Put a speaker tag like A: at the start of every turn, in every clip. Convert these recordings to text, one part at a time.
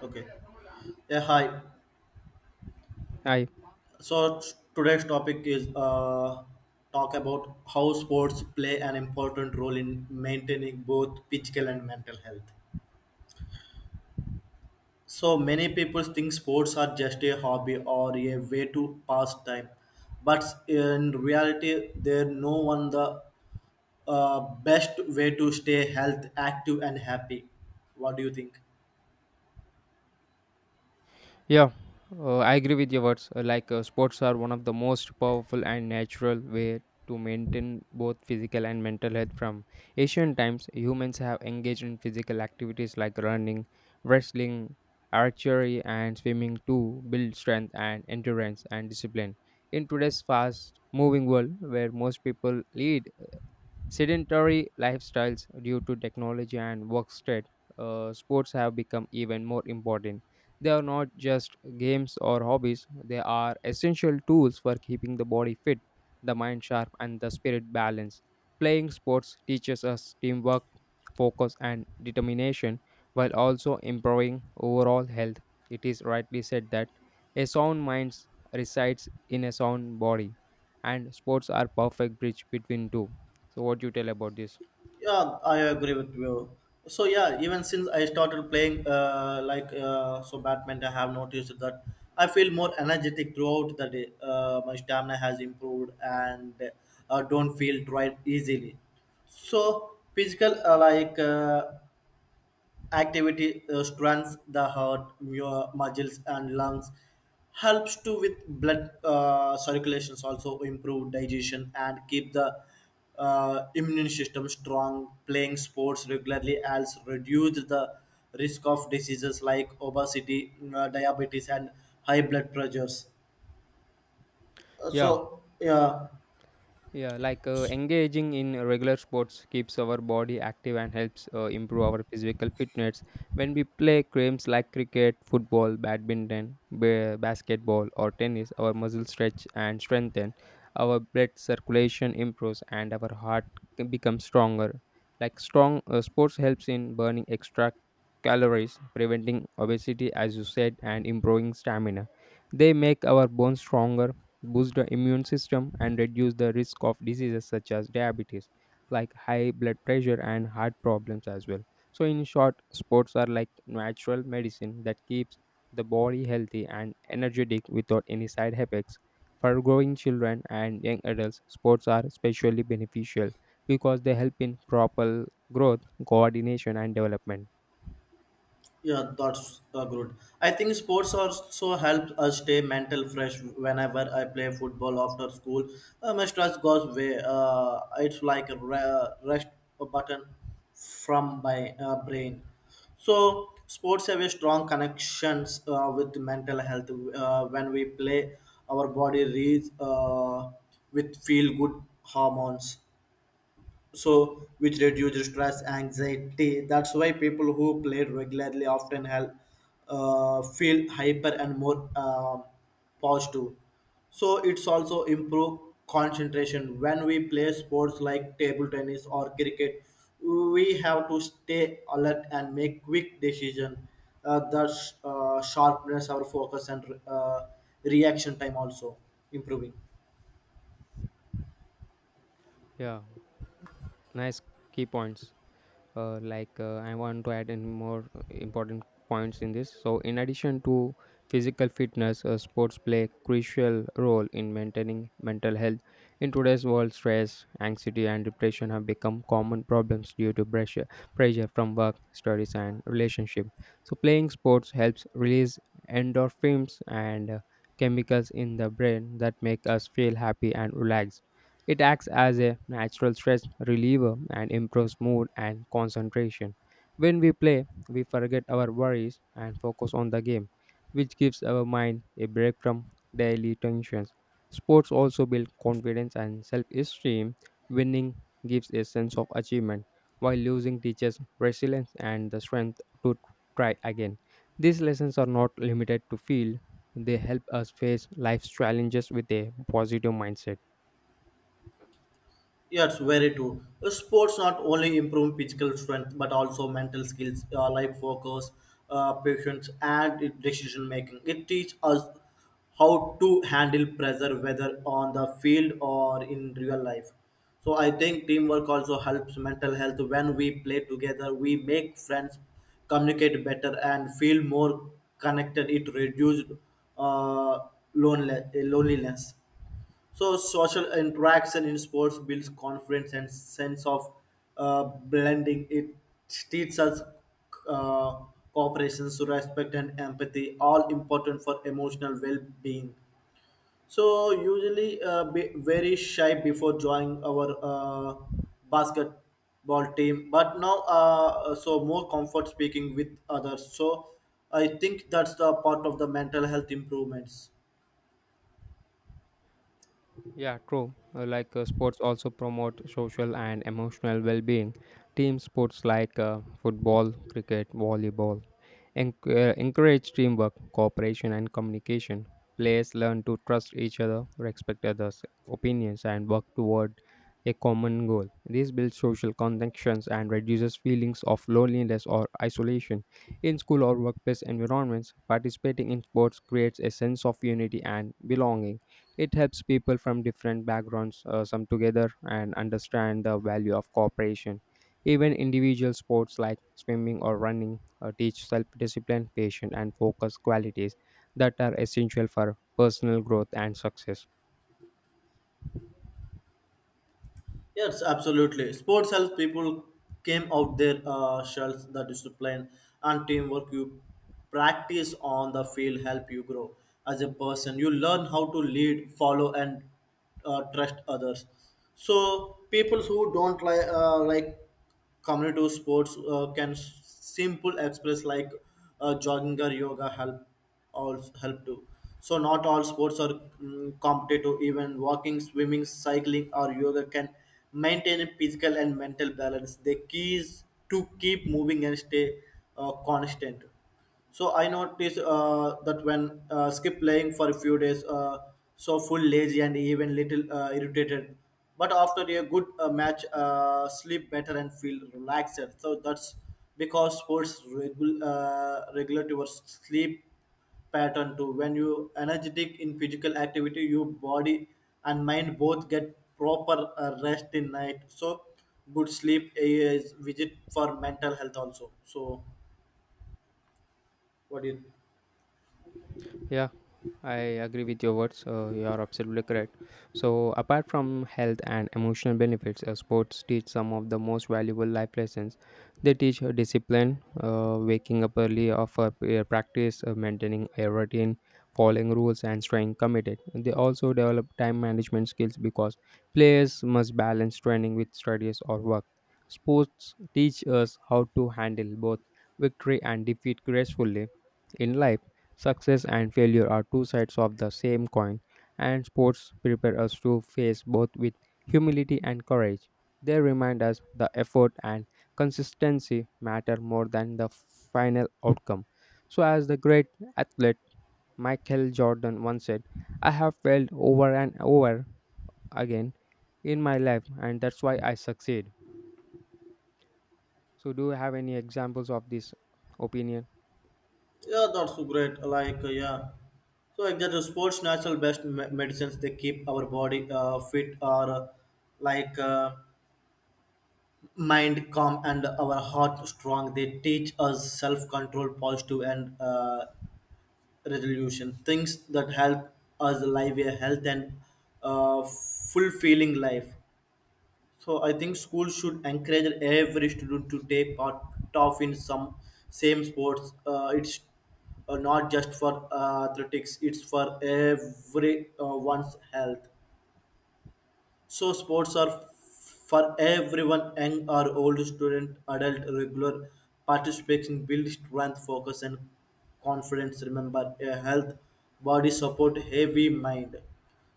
A: Okay. Yeah, hi.
B: I
A: So today's topic is talk about how sports play an important role in maintaining both physical and mental health. So many people think sports are just a hobby or a way to pass time, but in reality, they're no one the best way to stay health active and happy. What do you think?
B: yeah, I agree with your words. Sports are one of the most powerful and natural way to maintain both physical and mental health. From ancient times, humans have engaged in physical activities like running, wrestling, archery, and swimming to build strength and endurance and discipline. In today's fast-moving world, where most people lead sedentary lifestyles due to technology and work stress, sports have become even more important. They are not just games or hobbies, they are essential tools for keeping the body fit, the mind sharp, and the spirit balanced. Playing sports teaches us teamwork, focus, and determination while also improving overall health. It is rightly said that a sound mind resides in a sound body, and sports are perfect bridge between two. So, what you tell about this?
A: Yeah, I agree with you. So yeah, even since I started playing, badminton, I have noticed that I feel more energetic throughout the day. My stamina has improved and don't feel tired easily. So physical, activity strengthens the heart muscles and lungs helps to with blood circulations also improve digestion and keep the immune system strong playing sports regularly helps reduce the risk of diseases like obesity, diabetes and high blood pressures.
B: Yeah,
A: So yeah.
B: Yeah, engaging in regular sports keeps our body active and helps improve our physical fitness. When we play games like cricket, football, badminton, basketball, or tennis, our muscles stretch and strengthen, our blood circulation improves, and our heart can become stronger. Like strong sports helps in burning extra calories, preventing obesity, as you said, and improving stamina. They make our bones stronger, boost the immune system and reduce the risk of diseases such as diabetes, like high blood pressure and heart problems as well. So in short, sports are like natural medicine that keeps the body healthy and energetic without any side effects. For growing children and young adults, sports are especially beneficial because they help in proper growth, coordination and development.
A: Yeah, that's good. I think sports also helps us stay mental fresh. Whenever I play football after school, my stress goes away. It's like a rest button from my brain. So sports have a strong connections with mental health. When we play, our body reads with feel good hormones, so which reduce stress anxiety. That's why people who play regularly often help feel hyper and more positive. So it's also improve concentration. When we play sports like table tennis or cricket, we have to stay alert and make quick decision. That Sharpness our focus and reaction time also improving.
B: Yeah, nice key points. I want to add in more important points in this. So in addition to physical fitness, sports play a crucial role in maintaining mental health. In today's world, stress, anxiety and depression have become common problems due to pressure from work, studies and relationship. So playing sports helps release endorphins and chemicals in the brain that make us feel happy and relaxed. It acts as a natural stress reliever and improves mood and concentration. When we play, we forget our worries and focus on the game, which gives our mind a break from daily tensions. Sports also build confidence and self esteem. Winning gives a sense of achievement, while losing teaches resilience and the strength to try again. These lessons are not limited to field, they help us face life's challenges with a positive mindset.
A: Yes, very true. Sports not only improve physical strength but also mental skills, like focus, patience, and decision making. It teaches us how to handle pressure, whether on the field or in real life. So I think teamwork also helps mental health. When we play together, we make friends, communicate better, and feel more connected. It reduces uh, loneliness. So social interaction in sports builds confidence and sense of blending. It teaches us uh, cooperation, so respect and empathy, all important for emotional well-being. So usually be very shy before joining our basketball team, but now so more comfort speaking with others. So I think that's the part of the mental health improvements.
B: Yeah, true. Like sports also promote social and emotional well-being. Team sports like football, cricket, volleyball encourage teamwork, cooperation, and communication. Players learn to trust each other, respect others' opinions, and work toward a common goal. This builds social connections and reduces feelings of loneliness or isolation. In school or workplace environments, participating in sports creates a sense of unity and belonging. It helps people from different backgrounds come together and understand the value of cooperation. Even individual sports like swimming or running teach self discipline, patience, and focus qualities that are essential for personal growth and success.
A: Yes, absolutely. Sports helps people came out their shells. The discipline and teamwork you practice on the field help you grow as a person. You learn how to lead, follow, and trust others. So people who don't like community sports can simple express like jogging or yoga help all help too. So not all sports are competitive. Even walking, swimming, cycling, or yoga can maintain a physical and mental balance. The key is to keep moving and stay constant. So I noticed that when skip playing for a few days, so full lazy and even little irritated. But after a good match, sleep better and feel relaxed. So that's because sports regulate your sleep pattern too. When you energetic in physical activity, your body and mind both get proper rest in night. So good sleep is visit for mental health also. So what do you...
B: Yeah, I agree with your words. You are absolutely correct. So, apart from health and emotional benefits, sports teach some of the most valuable life lessons. They teach discipline, waking up early, offer prayer practice, maintaining a routine, following rules, and staying committed. They also develop time management skills because players must balance training with studies or work. Sports teach us how to handle both victory and defeat gracefully in life. Success and failure are two sides of the same coin, and sports prepare us to face both with humility and courage. They remind us the effort and consistency matter more than the final outcome. So, as the great athlete Michael Jordan once said, I have failed over and over again in my life, and that's why I succeed. So, do you have any examples of this opinion?
A: Yeah, that's so great. Like, yeah. So, like, that the sports natural best medicines they keep our body fit or like uh, mind calm and our heart strong. They teach us self control, positive, and resolution. Things that help us live a health and uh, fulfilling life. So I think schools should encourage every student to take part of in some same sports. It's not just for athletics; it's for everyone's health. So sports are for everyone, young or old, student, adult, regular. Participation builds strength, focus, and confidence. Remember, a health body support heavy mind.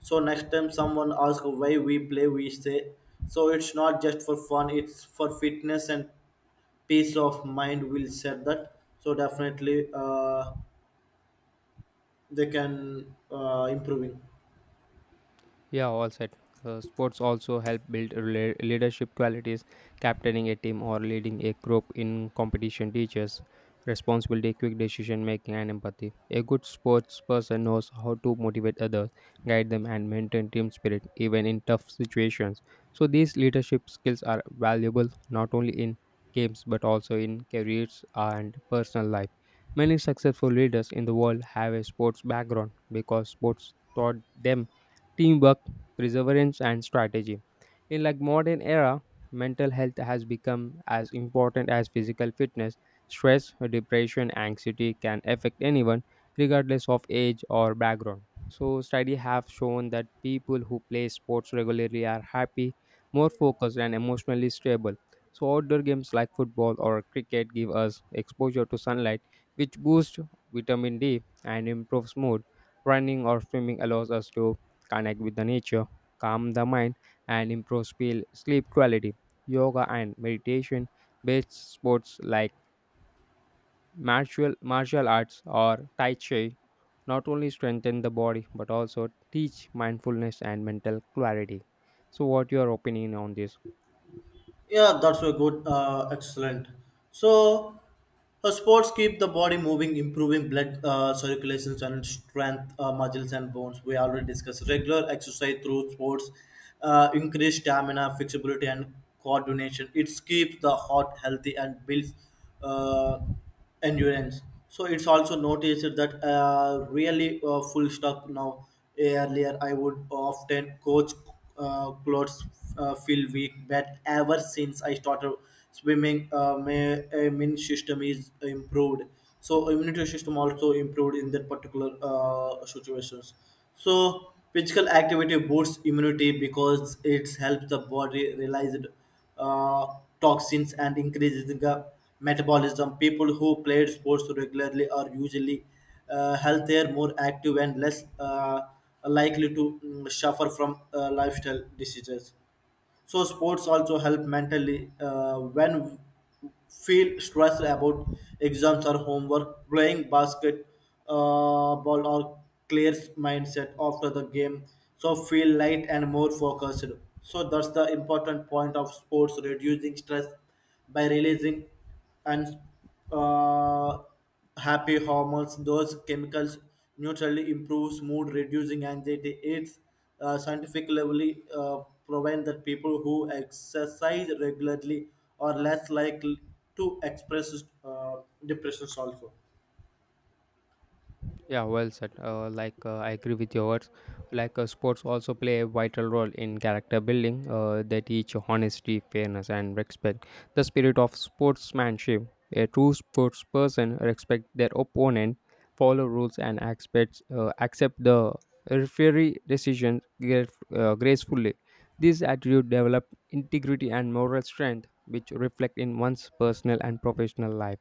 A: So next time someone asks why we play, we say, so it's not just for fun, it's for fitness and peace of mind. We'll set that. So definitely, they can improving.
B: Yeah, all set. Sports also help build leadership qualities. Captaining a team or leading a group in competition teaches responsibility, quick decision making, and empathy. A good sports person knows how to motivate others, guide them, and maintain team spirit even in tough situations. So, these leadership skills are valuable not only in games but also in careers and personal life. Many successful leaders in the world have a sports background because sports taught them teamwork, perseverance, and strategy. In like modern era, mental health has become as important as physical fitness. Stress, depression, anxiety can affect anyone regardless of age or background. So study have shown that people who play sports regularly are happy, more focused and emotionally stable. So outdoor games like football or cricket give us exposure to sunlight which boosts vitamin D and improves mood. Running or swimming allows us to connect with the nature, calm the mind, and improve sleep quality. Yoga and meditation based sports like martial arts or Tai Chi not only strengthen the body but also teach mindfulness and mental clarity. So, what your opinion on this?
A: Yeah, that's a good, excellent. So, sports keep the body moving, improving blood circulations and strength, muscles and bones. We already discussed regular exercise through sports, increase stamina, flexibility, and coordination. It keeps the heart healthy and builds. Uh, Endurance. So it's also noticed that really full stop now. Earlier, I would often coach clothes feel weak, but ever since I started swimming, my immune system is improved. So immunity system also improved in that particular situations. So physical activity boosts immunity because it helps the body realize uh, toxins and increases the metabolism. People who played sports regularly are usually healthier, more active, and less likely to suffer from lifestyle diseases. So sports also help mentally when feel stressed about exams or homework, playing basket ball or clears mindset after the game, so feel light and more focused. So that's the important point of sports, reducing stress by releasing and uh, happy hormones. Those chemicals neutrally improves mood, reducing anxiety. It's scientifically proven that people who exercise regularly are less likely to express uh, depressions also.
B: Yeah, well said. I agree with your words. Sports also play a vital role in character building. They teach honesty, fairness, and respect. The spirit of sportsmanship. A true sports person respects their opponent, follow rules, and expects accept the referee decisions gracefully. This attitude develops integrity and moral strength, which reflect in one's personal and professional life.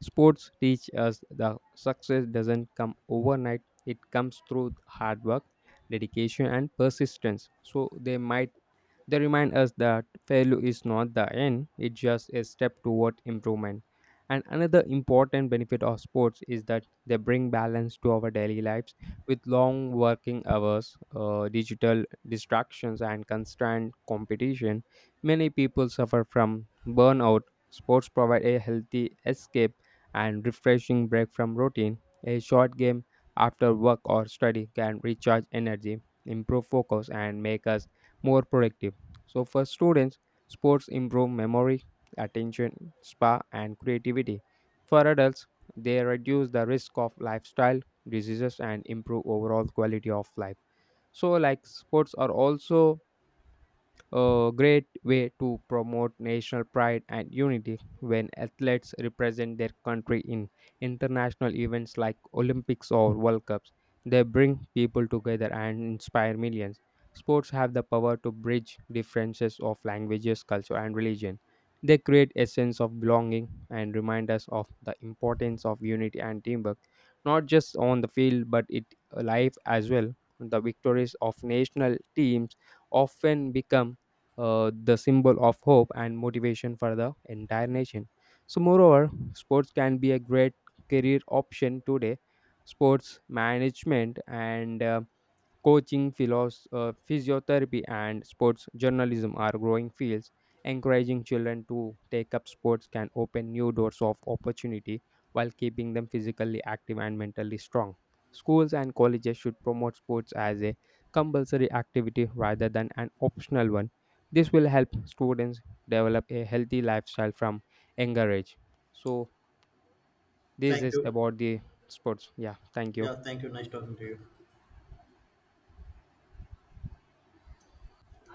B: Sports teach us that success doesn't come overnight, it comes through hard work, dedication, and persistence. So, they remind us that failure is not the end, it's just a step toward improvement. And another important benefit of sports is that they bring balance to our daily lives with long working hours, digital distractions, and constant competition. Many people suffer from burnout. Sports provide a healthy escape and refreshing break from routine. A short game after work or study can recharge energy, improve focus, and make us more productive. So for students, sports improve memory, attention, spa and creativity. For adults, they reduce the risk of lifestyle diseases and improve overall quality of life. So like sports are also a great way to promote national pride and unity when athletes represent their country in international events like Olympics or World Cups. They bring people together and inspire millions. Sports have the power to bridge differences of languages, culture, and religion. They create a sense of belonging and remind us of the importance of unity and teamwork, not just on the field but in life as well. The victories of national teams often become the symbol of hope and motivation for the entire nation. So, moreover, sports can be a great career option today. Sports management and coaching, physiotherapy, and sports journalism are growing fields. Encouraging children to take up sports can open new doors of opportunity while keeping them physically active and mentally strong. Schools and colleges should promote sports as a compulsory activity rather than an optional one. This will help students develop a healthy lifestyle from younger age. So, this
A: Thank
B: is
A: you.
B: about the sports. Yeah, thank you.
A: Yeah, thank you. Nice talking to you.